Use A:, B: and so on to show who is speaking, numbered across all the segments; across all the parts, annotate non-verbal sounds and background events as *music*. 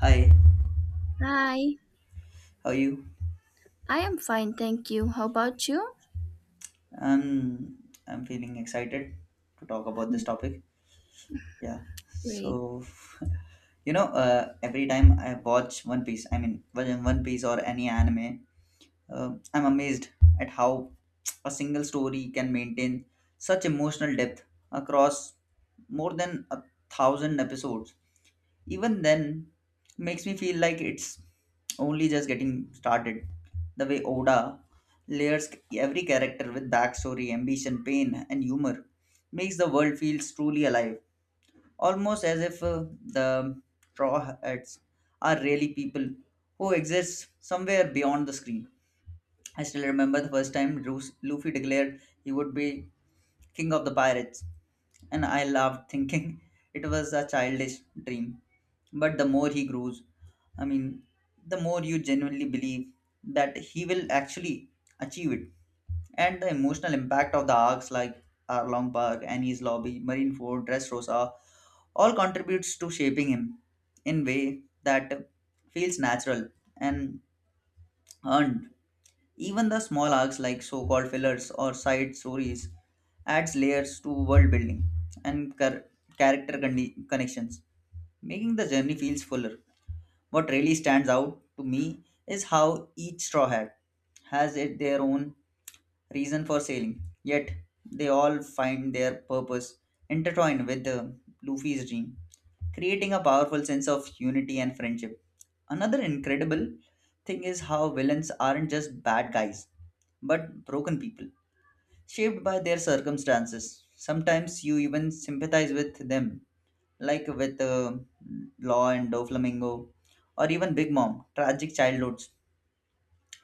A: Hi,
B: Hi,
A: how are you?
B: I am fine, thank you. How about you?
A: Um, I'm feeling excited to talk about this topic. Yeah.
B: Great.
A: So, *laughs* every time I watch One Piece, I mean, One Piece or any anime, I'm amazed at how a single story can maintain such emotional depth across more than 1,000 episodes. Even then, makes me feel like it's only just getting started. The way Oda layers every character with backstory, ambition, pain, and humor makes the world feels truly alive, almost as if the straw hats are really people who exist somewhere beyond the screen. I still remember the first time Luffy declared he would be king of the pirates, and I laughed, thinking *laughs* it was a childish dream. But the more he grows, I mean, the more you genuinely believe that he will actually achieve it. And the emotional impact of the arcs like Arlong Park, Annie's Lobby, Marineford, Dressrosa, all contributes to shaping him in way that feels natural and earned even the small arcs like so-called fillers or side stories adds layers to world building and character connections, making the journey feels fuller. What really stands out to me is how each straw hat has it their own reason for sailing. Yet they all find their purpose intertwined with the Luffy's dream, creating a powerful sense of unity and friendship. Another incredible thing is how villains aren't just bad guys, but broken people, shaped by their circumstances. Sometimes you even sympathize with them, like with Law and Doflamingo, or even Big Mom, tragic childhoods.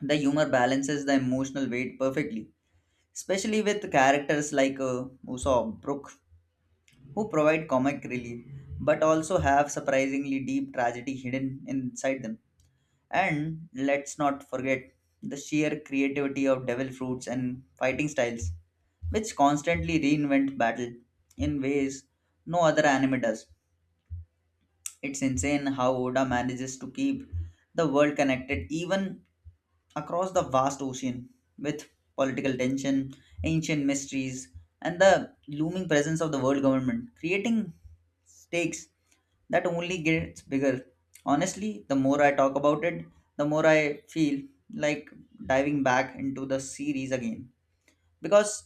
A: The humor balances the emotional weight perfectly especially with characters like Usopp, Brook, who provide comic relief but also have surprisingly deep tragedy hidden inside them. And let's not forget the sheer creativity of Devil Fruits and fighting styles, which constantly reinvent battle in ways no other anime does. It's insane how Oda manages to keep the world connected even across the vast ocean with political tension, ancient mysteries, and the looming presence of the world government, creating stakes that only gets bigger. Honestly, the more I talk about it, the more I feel like diving back into the series again because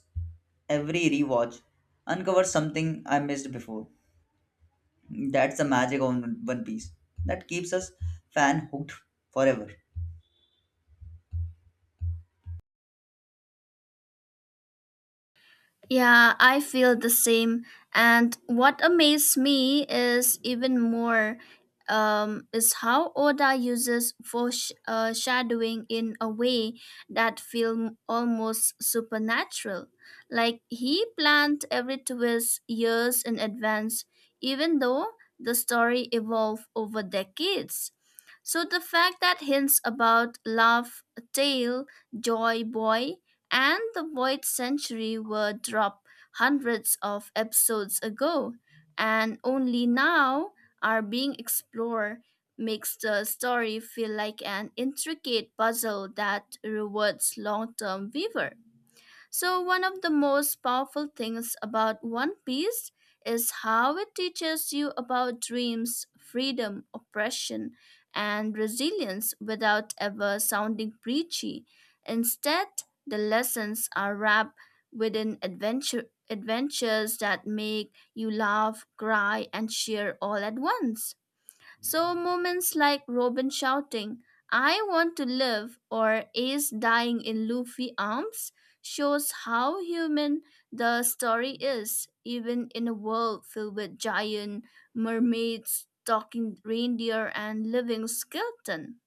A: every rewatch uncovers something I missed before. That's the magic of One Piece that keeps us fan hooked forever.
B: Yeah, I feel the same. And what amazed me is even more is how Oda uses shadowing in a way that feels almost supernatural. Like he planned every twist years in advance, even though the story evolved over decades. So the fact that hints about love, tale, joy, boy, and The Void Century were dropped hundreds of episodes ago and only now are being explored makes the story feel like an intricate puzzle that rewards long-term viewer. So, one of the most powerful things about One Piece is how it teaches you about dreams, freedom, oppression, and resilience without ever sounding preachy. Instead, the lessons are wrapped within adventures that make you laugh, cry, and cheer all at once. So, moments like Robin shouting, I want to live, or Ace dying in Luffy's arms, shows how human the story is, even in a world filled with giant mermaids, talking reindeer, and living skeleton.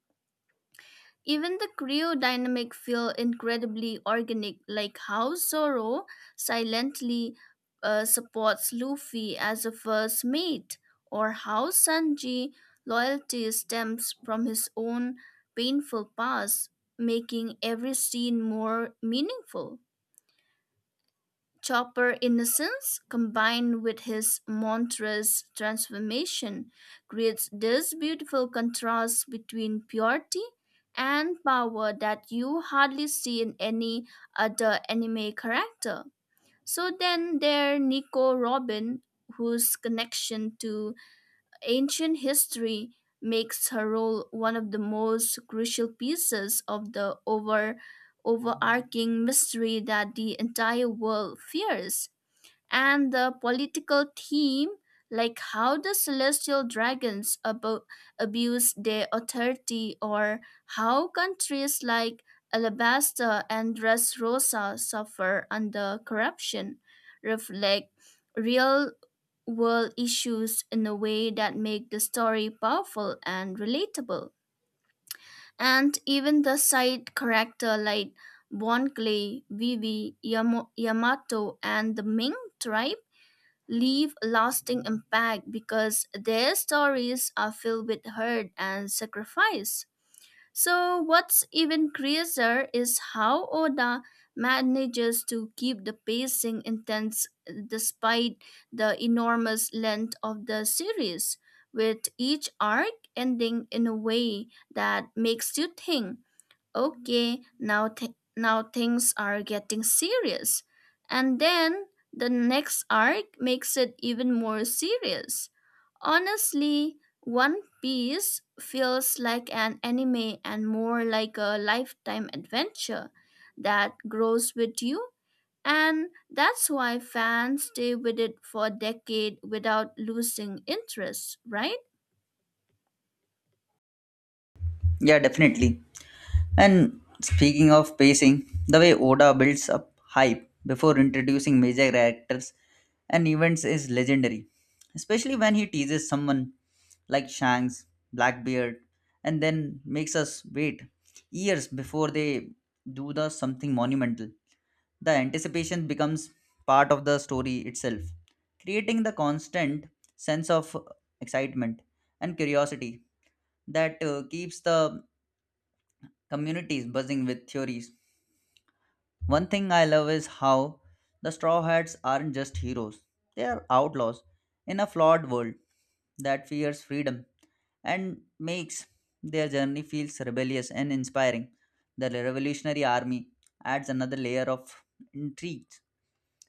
B: Even the crew dynamic feel incredibly organic, like how Zoro silently supports Luffy as a first mate, or how Sanji loyalty stems from his own painful past, making every scene more meaningful. Chopper innocence combined with his monstrous transformation creates this beautiful contrast between purity and power that you hardly see in any other anime character. So then there Nico Robin, whose connection to ancient history makes her role one of the most crucial pieces of the overarching mystery that the entire world fears and the political theme like how the celestial dragons abuse their authority or how countries like Alabasta and Dressrosa suffer under corruption reflect real world issues in a way that make the story powerful and relatable. And even the side character like Bon Clay, Vivi, Yamato, and the Ming tribe leave a lasting impact because their stories are filled with hurt and sacrifice. So, what's even crazier is how Oda manages to keep the pacing intense despite the enormous length of the series, with each arc ending in a way that makes you think okay, now now things are getting serious. And then the next arc makes it even more serious. Honestly, One Piece feels like an anime and more like a lifetime adventure that grows with you. And that's why fans stay with it for a decade without losing interest, right?
A: Yeah, definitely. And speaking of pacing, the way Oda builds up hype before introducing major characters and events is legendary, especially when he teases someone like Shanks, Blackbeard, and then makes us wait years before they do the something monumental. The anticipation becomes part of the story itself, creating the constant sense of excitement and curiosity that keeps the communities buzzing with theories. One thing I love is how the Straw Hats aren't just heroes, they are outlaws in a flawed world that fears freedom and makes their journey feels rebellious and inspiring. The Revolutionary Army adds another layer of intrigue,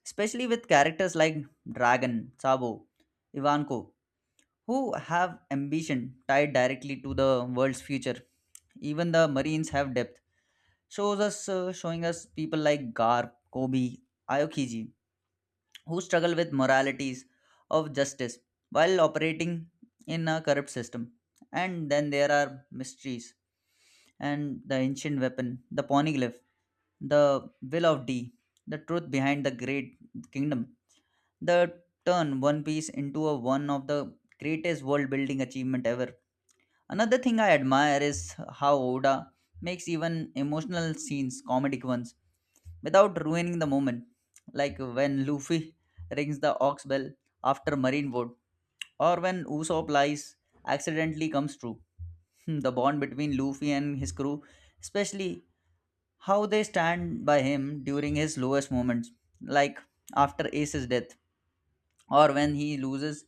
A: especially with characters like Dragon, Sabo, Ivanko, who have ambition tied directly to the world's future. Even the Marines have depth shows us showing us people like Garp, Kobe, Aokiji, who struggle with moralities of justice while operating in a corrupt system. And then there are mysteries and the ancient weapon, the poneglyph, the will of D, the truth behind the great kingdom, the turn One Piece into a one of the greatest world building achievement ever. Another thing I admire is how Oda makes even emotional scenes comedic ones without ruining the moment. Like when Luffy rings the ox bell after Marineford or when Usopp lies accidentally comes true. *laughs* The bond between Luffy and his crew, especially how they stand by him during his lowest moments, like after Ace's death or when he loses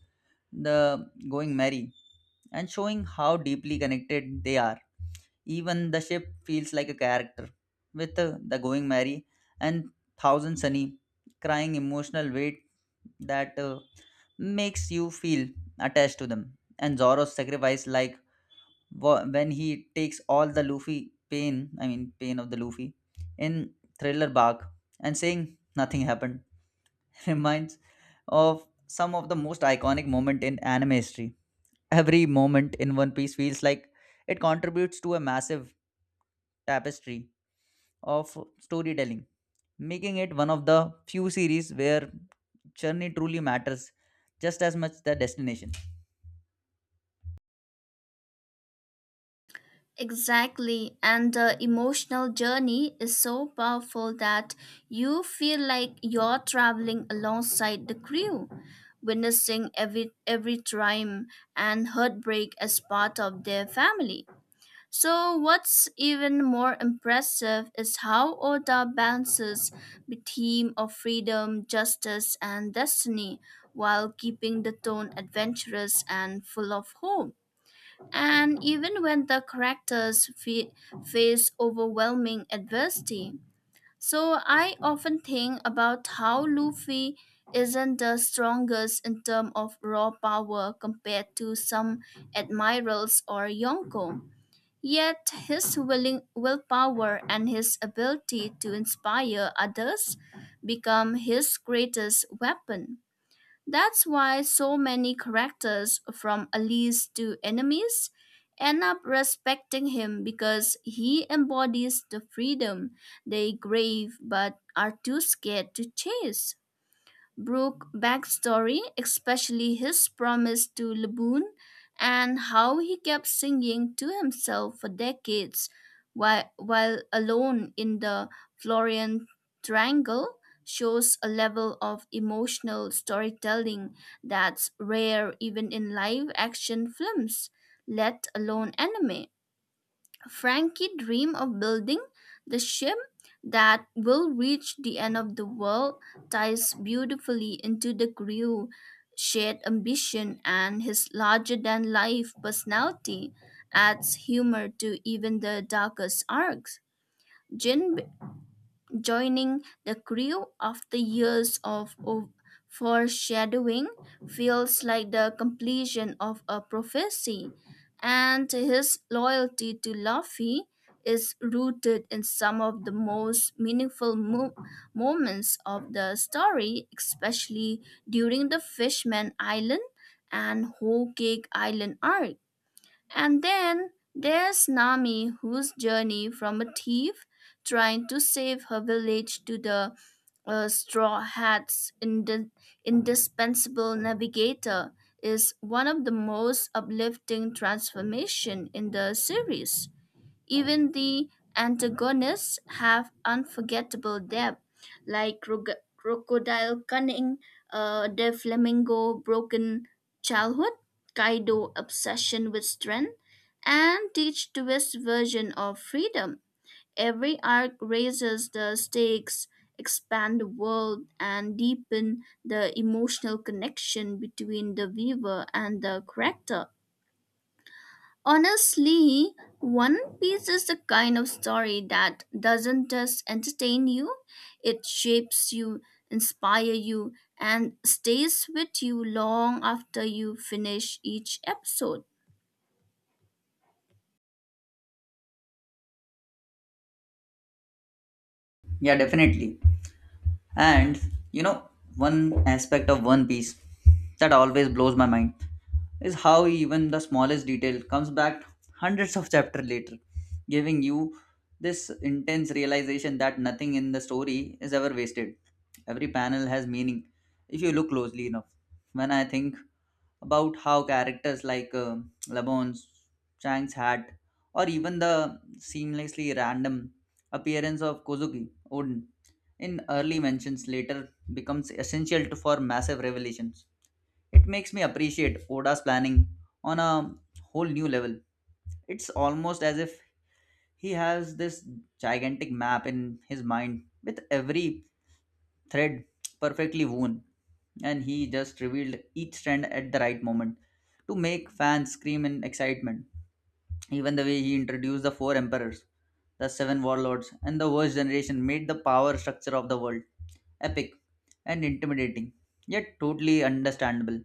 A: the going merry, and showing how deeply connected they are. Even the ship feels like a character, with the going merry and thousand sunny crying emotional weight that makes you feel attached to them. And Zoro's sacrifice, like when he takes all the Luffy pain, I mean, pain of the Luffy, in Thriller Bark and saying nothing happened, *laughs* reminds of some of the most iconic moment in anime history. Every moment in One Piece feels like it contributes to a massive tapestry of storytelling, making it one of the few series where journey truly matters just as much the destination.
B: Exactly. And the emotional journey is so powerful that you feel like you're traveling alongside the crew, witnessing every triumph and heartbreak as part of their family. So, what's even more impressive is how Oda balances the theme of freedom, justice, and destiny while keeping the tone adventurous and full of hope. And even when the characters face overwhelming adversity. So I often think about how Luffy isn't the strongest in terms of raw power compared to some admirals or Yonko. Yet his willing willpower and his ability to inspire others become his greatest weapon. That's why so many characters, from allies to enemies, end up respecting him because he embodies the freedom they crave but are too scared to chase. Brooke backstory, especially his promise to Laboon and how he kept singing to himself for decades while alone in the Florian Triangle, shows a level of emotional storytelling that's rare even in live action films, let alone anime. Frankie dreamed of building the ship that will reach the end of the world ties beautifully into the crew shared ambition and his larger than life personality adds humor to even the darkest arcs. Jin joining the crew after years of foreshadowing feels like the completion of a prophecy, and his loyalty to Luffy is rooted in some of the most meaningful moments of the story, especially during the Fishman Island and Whole Cake Island arc. And then there's Nami, whose journey from a thief trying to save her village to the Straw Hat's indispensable navigator is one of the most uplifting transformation in the series. Even the antagonists have unforgettable depth, like Crocodile Cunning, the Flamingo Broken Childhood, Kaido Obsession with Strength, and Teach Twist version of Freedom. Every arc raises the stakes, expand the world, and deepen the emotional connection between the viewer and the character. Honestly, One Piece is the kind of story that doesn't just entertain you, it shapes you, inspire you, and stays with you long after you finish each episode.
A: Yeah, definitely. And you know, one aspect of One Piece that always blows my mind is how even the smallest detail comes back hundreds of chapters later, giving you this intense realization that nothing in the story is ever wasted. Every panel has meaning if you look closely enough. When I think about how characters like Lebon's, Chang's hat, or even the seamlessly random appearance of Kozuki Odin in early mentions later becomes essential to, for massive revelations. It makes me appreciate Oda's planning on a whole new level. It's almost as if he has this gigantic map in his mind with every thread perfectly woven, and he just revealed each strand at the right moment to make fans scream in excitement. Even the way he introduced the four emperors, the seven warlords, and the worst generation made the power structure of the world epic and intimidating, yet totally understandable.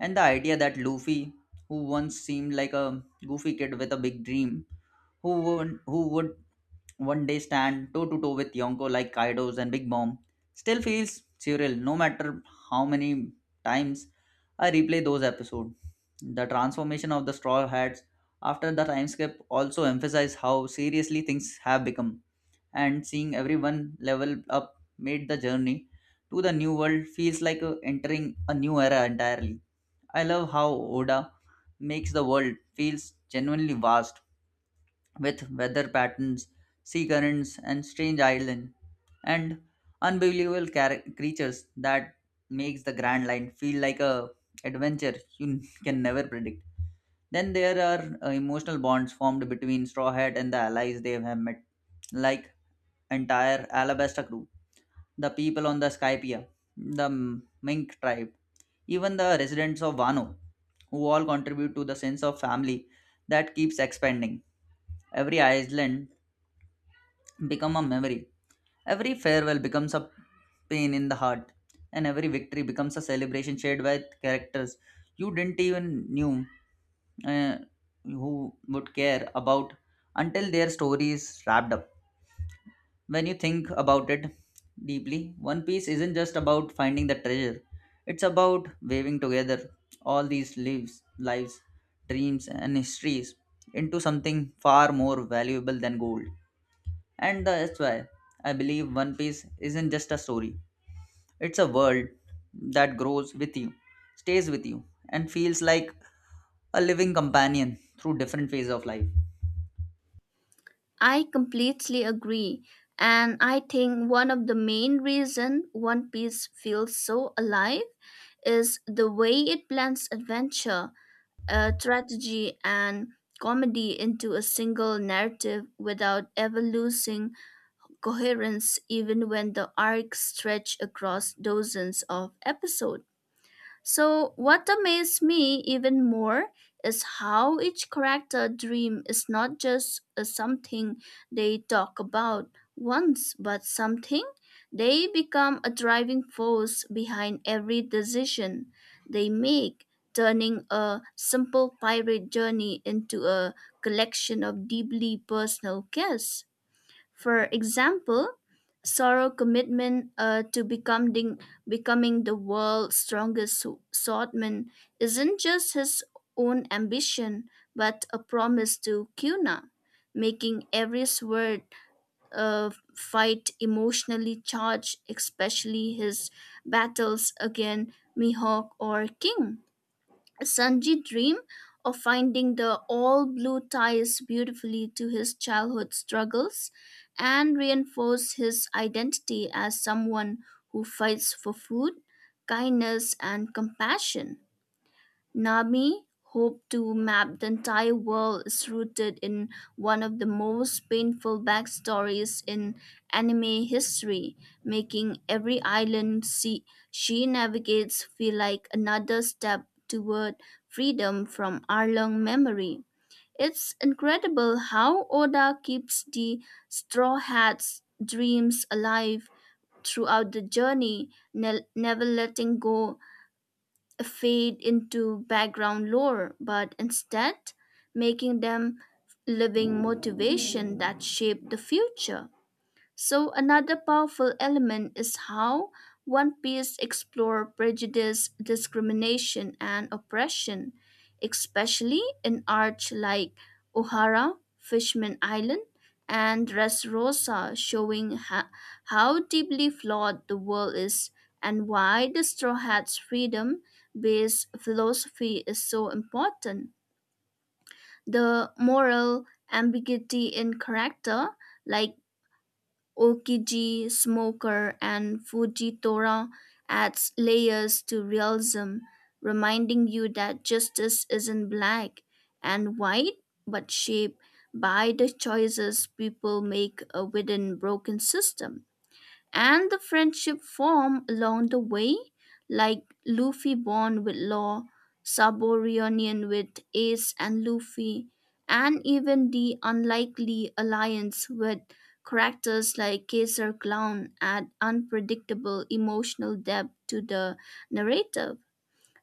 A: And the idea that Luffy, who once seemed like a goofy kid with a big dream, who would one day stand toe to toe with Yonko like Kaidos and Big Bomb still feels surreal no matter how many times I replay those episodes. The transformation of the Straw Hats after the time skip also emphasized how seriously things have become, and seeing everyone level up made the journey to the new world feels like entering a new era entirely. I love how Oda makes the world feels genuinely vast with weather patterns, sea currents, and strange islands, and unbelievable creatures that makes the Grand Line feel like a adventure you *laughs* can never predict. Then there are emotional bonds formed between Straw Hat and the allies they have met, like entire Alabasta crew, the people on the Skypia, the Mink tribe, even the residents of Wano, who all contribute to the sense of family that keeps expanding every island become a memory. Every farewell becomes a pain in the heart, and every victory becomes a celebration shared by characters you didn't even knew uh, who would care about until their story is wrapped up. When you think about it deeply, One Piece isn't just about finding the treasure; it's about weaving together all these lives, dreams, and histories into something far more valuable than gold. And that's why I believe One Piece isn't just a story, it's a world that grows with you, stays with you, and feels like a living companion through different phases of life.
B: I completely agree, and I think one of the main reason One Piece feels so alive is the way it blends adventure, strategy, and comedy into a single narrative without ever losing coherence even when the arc stretched across dozens of episodes. So, what amazed me even more is how each character dream is not just a something they talk about once, but something they become a driving force behind every decision they make, turning a simple pirate journey into a collection of deeply personal quests. For example, Sorrow commitment to becoming becoming the world's strongest swordsman isn't just his own ambition, but a promise to Kuna, making every sword uh, fight emotionally charged, especially his battles against Mihawk or King. Sanji dream of finding the all blue ties beautifully to his childhood struggles and reinforce his identity as someone who fights for food, kindness, and compassion. Nami hoped to map the entire world is rooted in one of the most painful backstories in anime history, making every island she navigates feel like another step toward freedom from Arlong memory. It's incredible how Oda keeps the Straw Hat's dreams alive throughout the journey, never letting go fade into background lore, but instead making them living motivation that shape the future. So another powerful element is how One Piece explore prejudice, discrimination, and oppression, especially in arcs like O'Hara, Fishman Island, and Dressrosa, showing how deeply flawed the world is and why the Straw Hat's freedom-based philosophy is so important. The moral ambiguity in character, like Okiji, Smoker, and Fujitora adds layers to realism, reminding you that justice isn't black and white, but shaped by the choices people make within broken system and the friendship formed along the way, like Luffy bond with Law, Saborianian with Ace and Luffy, and even the unlikely alliance with characters like Kaiser Clown add unpredictable emotional depth to the narrative.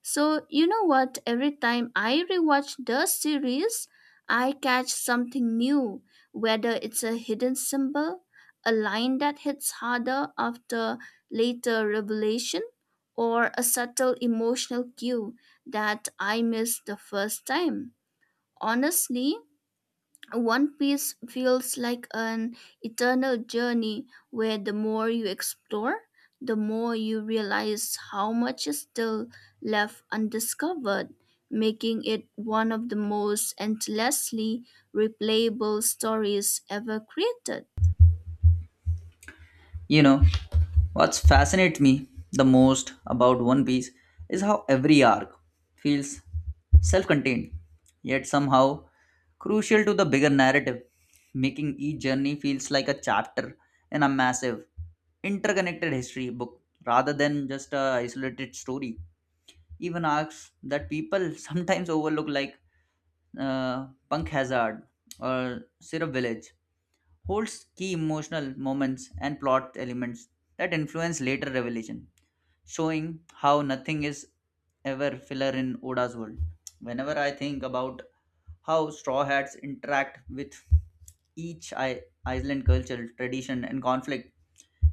B: So, you know what? Every time I rewatch the series, I catch something new, whether it's a hidden symbol, a line that hits harder after later revelation, or a subtle emotional cue that I missed the first time. Honestly, one Piece feels like an eternal journey where the more you explore, the more you realize how much is still left undiscovered, making it one of the most endlessly replayable stories ever created.
A: You know, what's fascinates me the most about One Piece is how every arc feels self contained, yet somehow crucial to the bigger narrative, making each journey feels like a chapter in a massive, interconnected history book rather than just a isolated story. Even arcs that people *laughs* sometimes overlook, like Punk Hazard or Syrup Village, holds key emotional moments and plot elements that influence later revelation, showing how nothing is ever filler in Oda's world. Whenever I think about how Straw Hats interact with each island culture, tradition, and conflict,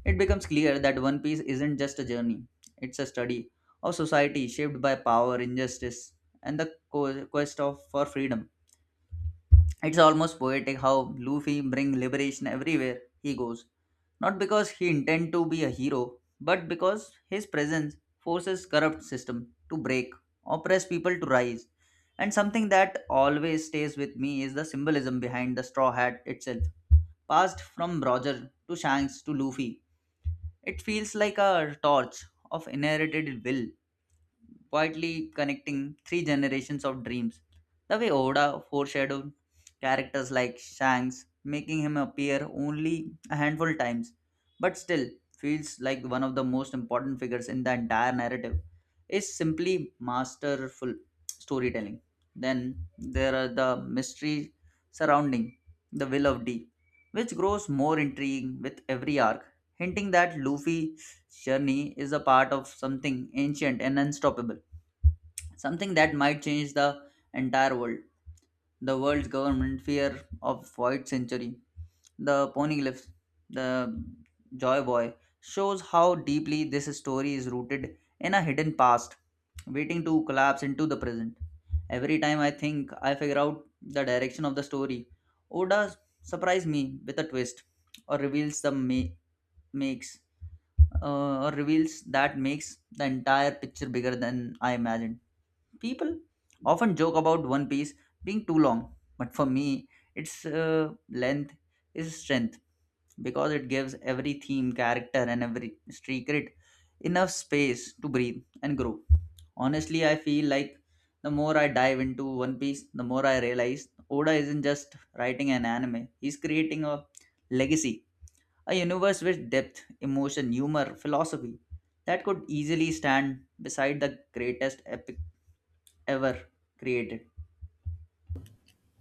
A: it becomes clear that One Piece isn't just a journey, it's a study of society shaped by power, injustice, and the quest for freedom. It's almost poetic how Luffy brings liberation everywhere he goes, not because he intends to be a hero, but because his presence forces corrupt system to break, oppressed people to rise. And something that always stays with me is the symbolism behind the straw hat itself. Passed from Roger to Shanks to Luffy, it feels like a torch of inherited will quietly connecting three generations of dreams. The way Oda foreshadowed characters like Shanks, making him appear only a handful times, but still feels like one of the most important figures in the entire narrative, is simply masterful storytelling. Then there are the mystery surrounding the will of D, which grows more intriguing with every arc, hinting that Luffy journey is a part of something ancient and unstoppable, something that might change the entire world. The world's government fear of void century, the ponyglyphs, the joy boy, shows how deeply this story is rooted in a hidden past, waiting to collapse into the present. Every time I think I figure out the direction of the story, Oda surprises me with a twist or reveals the ma- makes or reveals that makes the entire picture bigger than I imagined. People often joke about One Piece being too long, but for me, its length is strength because it gives every theme, character, and every secret enough space to breathe and grow. Honestly, I feel like the more I dive into One Piece, the more I realize Oda isn't just writing an anime, he's creating a legacy a universe with depth, emotion, humor, philosophy that could easily stand beside the greatest epic ever created.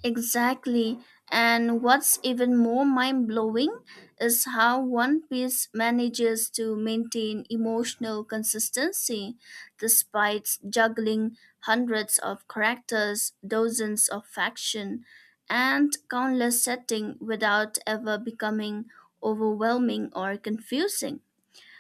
B: Exactly. And what's even more mind blowing is how One Piece manages to maintain emotional consistency despite juggling hundreds of characters, dozens of factions, and countless settings without ever becoming overwhelming or confusing.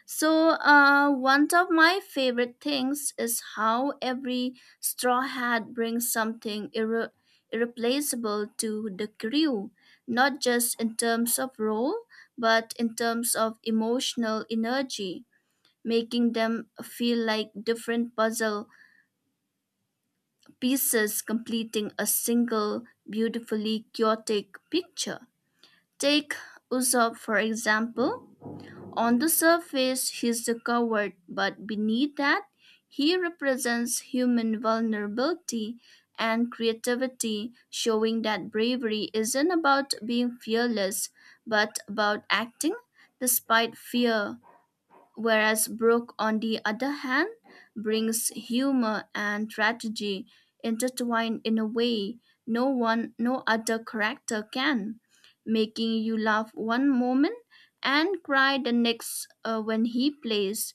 B: So, one of my favorite things is how every straw hat brings something irreplaceable to the crew, not just in terms of role, but in terms of emotional energy, making them feel like different puzzle pieces completing a single beautifully chaotic picture. Take Usopp, for example on the surface, he's the coward, but beneath that, he represents human vulnerability and creativity, showing that bravery isn't about being fearless, but about acting despite fear whereas Brooke, on the other hand, brings humor and tragedy intertwined in a way no other character can, making you laugh one moment and cry the next when he plays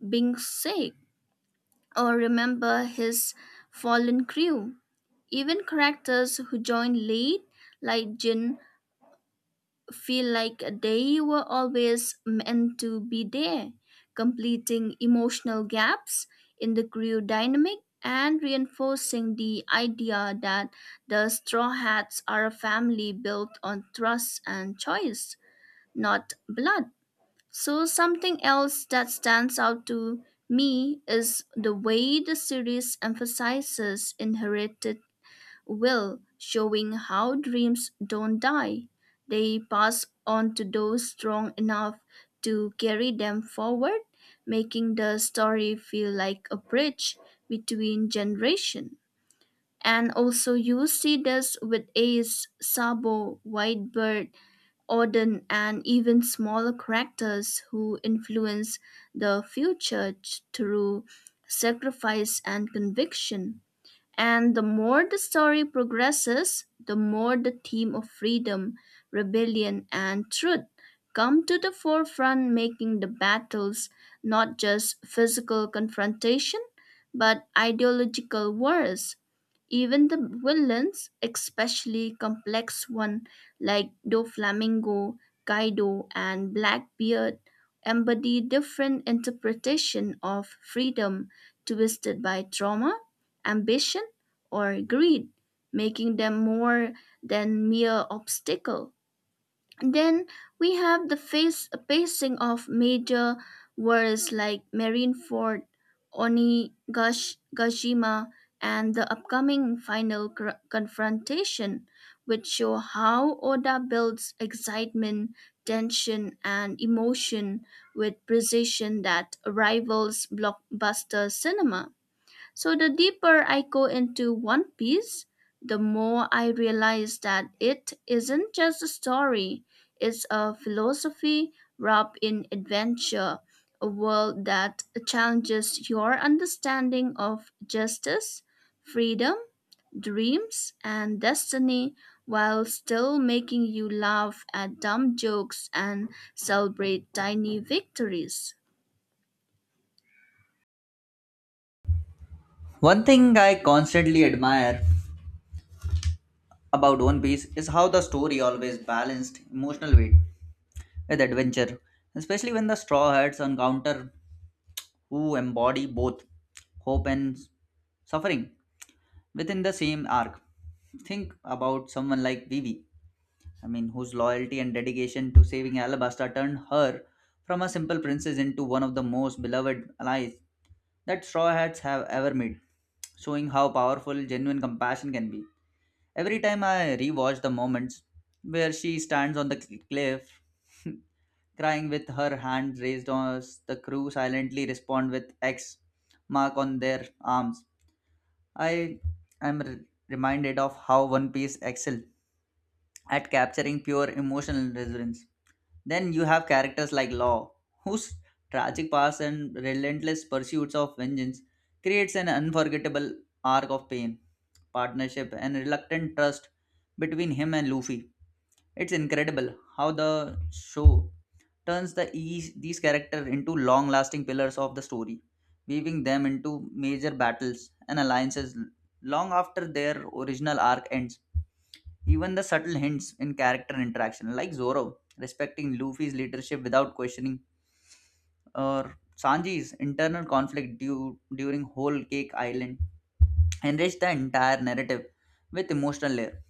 B: being sick or remember his fallen crew. Even characters who join late, like Jin, feel like they were always meant to be there, completing emotional gaps in the crew dynamic and reinforcing the idea that the Straw Hats are a family built on trust and choice, not blood. So, something else that stands out to me is the way the series emphasizes inherited Will showing how dreams don't die. They pass on to those strong enough to carry them forward, making the story feel like a bridge between generations. And also you see this with Ace, Sabo, Whitebird, Odin, and even smaller characters who influence the future through sacrifice and conviction. And the more the story progresses, the more the theme of freedom, rebellion, and truth come to the forefront, making the battles not just physical confrontation, but ideological wars. Even the villains, especially complex ones like Doflamingo, Kaido, and Blackbeard, embody different interpretation of freedom twisted by trauma, ambition, or greed, making them more than mere obstacle. Then we have the face, pacing of major wars like Marineford, Onigashima, and the upcoming final confrontation, which show how Oda builds excitement, tension, and emotion with precision that rivals blockbuster cinema. So the deeper I go into One Piece, the more I realize that it isn't just a story, it's a philosophy wrapped in adventure, a world that challenges your understanding of justice, freedom, dreams, and destiny while still making you laugh at dumb jokes and celebrate tiny victories.
A: One thing I constantly admire about One Piece is how the story always balanced emotional weight with adventure, especially when the Straw Hats encounter who embody both hope and suffering within the same arc. Think about someone like Vivi, I mean, whose loyalty and dedication to saving Alabasta turned her from a simple princess into one of the most beloved allies that Straw Hats have ever made, showing how powerful genuine compassion can be. Every time I rewatch the moments where she stands on the cliff, *laughs* crying with her hand raised as the crew silently respond with X mark on their arms, I am reminded of how One Piece excelled at capturing pure emotional resonance. Then you have characters like Law, whose tragic past and relentless pursuits of vengeance creates an unforgettable arc of pain, partnership, and reluctant trust between him and Luffy. It's incredible how the show turns the these characters into long-lasting pillars of the story, weaving them into major battles and alliances long after their original arc ends. Even the subtle hints in character interaction, like Zoro respecting Luffy's leadership without questioning, or Sanji's internal conflict during Whole Cake Island, enrich the entire narrative with emotional layer.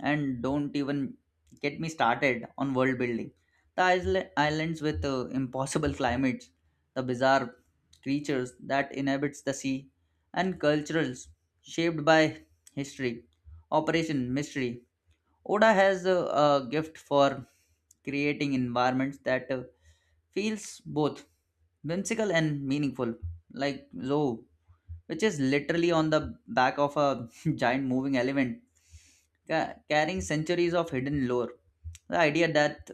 A: And don't even get me started on world building. The islands with impossible climates, the bizarre creatures that inhabits the sea, and cultures shaped by history, operation mystery, Oda has a gift for creating environments that feels both whimsical and meaningful, like Zoo, which is literally on the back of a *laughs* giant moving elephant, carrying centuries of hidden lore. The idea that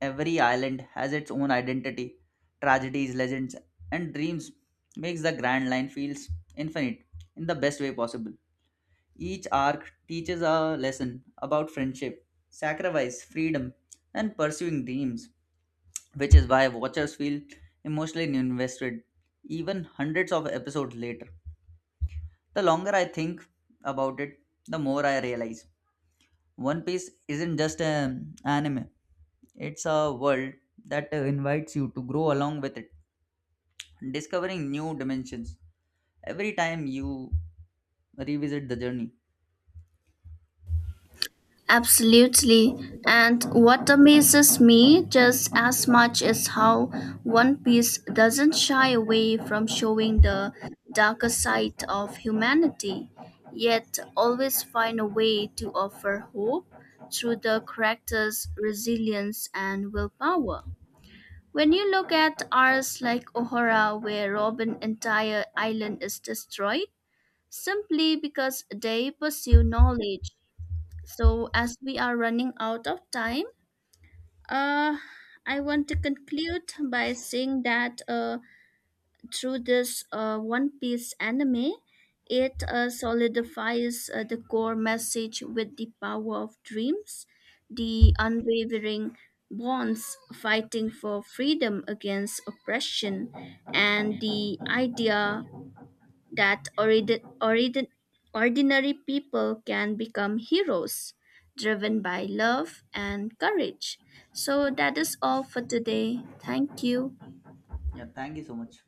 A: every island has its own identity, tragedies, legends, and dreams makes the Grand Line feels infinite in the best way possible. Each arc teaches a lesson about friendship, sacrifice, freedom, and pursuing dreams, which is why watchers feel emotionally invested even hundreds of episodes later. The longer I think about it, the more I realize One Piece isn't just an anime, it's a world that invites you to grow along with it, discovering new dimensions every time you revisit the journey.
B: Absolutely. And what amazes me just as much is how One Piece doesn't shy away from showing the darker side of humanity, yet always find a way to offer hope through the character's resilience and willpower. When you look at arcs like Ohara, where Robin's entire island is destroyed simply because they pursue knowledge so, as we are running out of time, uh, I want to conclude by saying that through this One Piece anime, it solidifies the core message with the power of dreams, the unwavering bonds fighting for freedom against oppression, and the idea that ordinary people can become heroes driven by love and courage. So that is all for today. Thank you.
A: Yeah, thank you so much.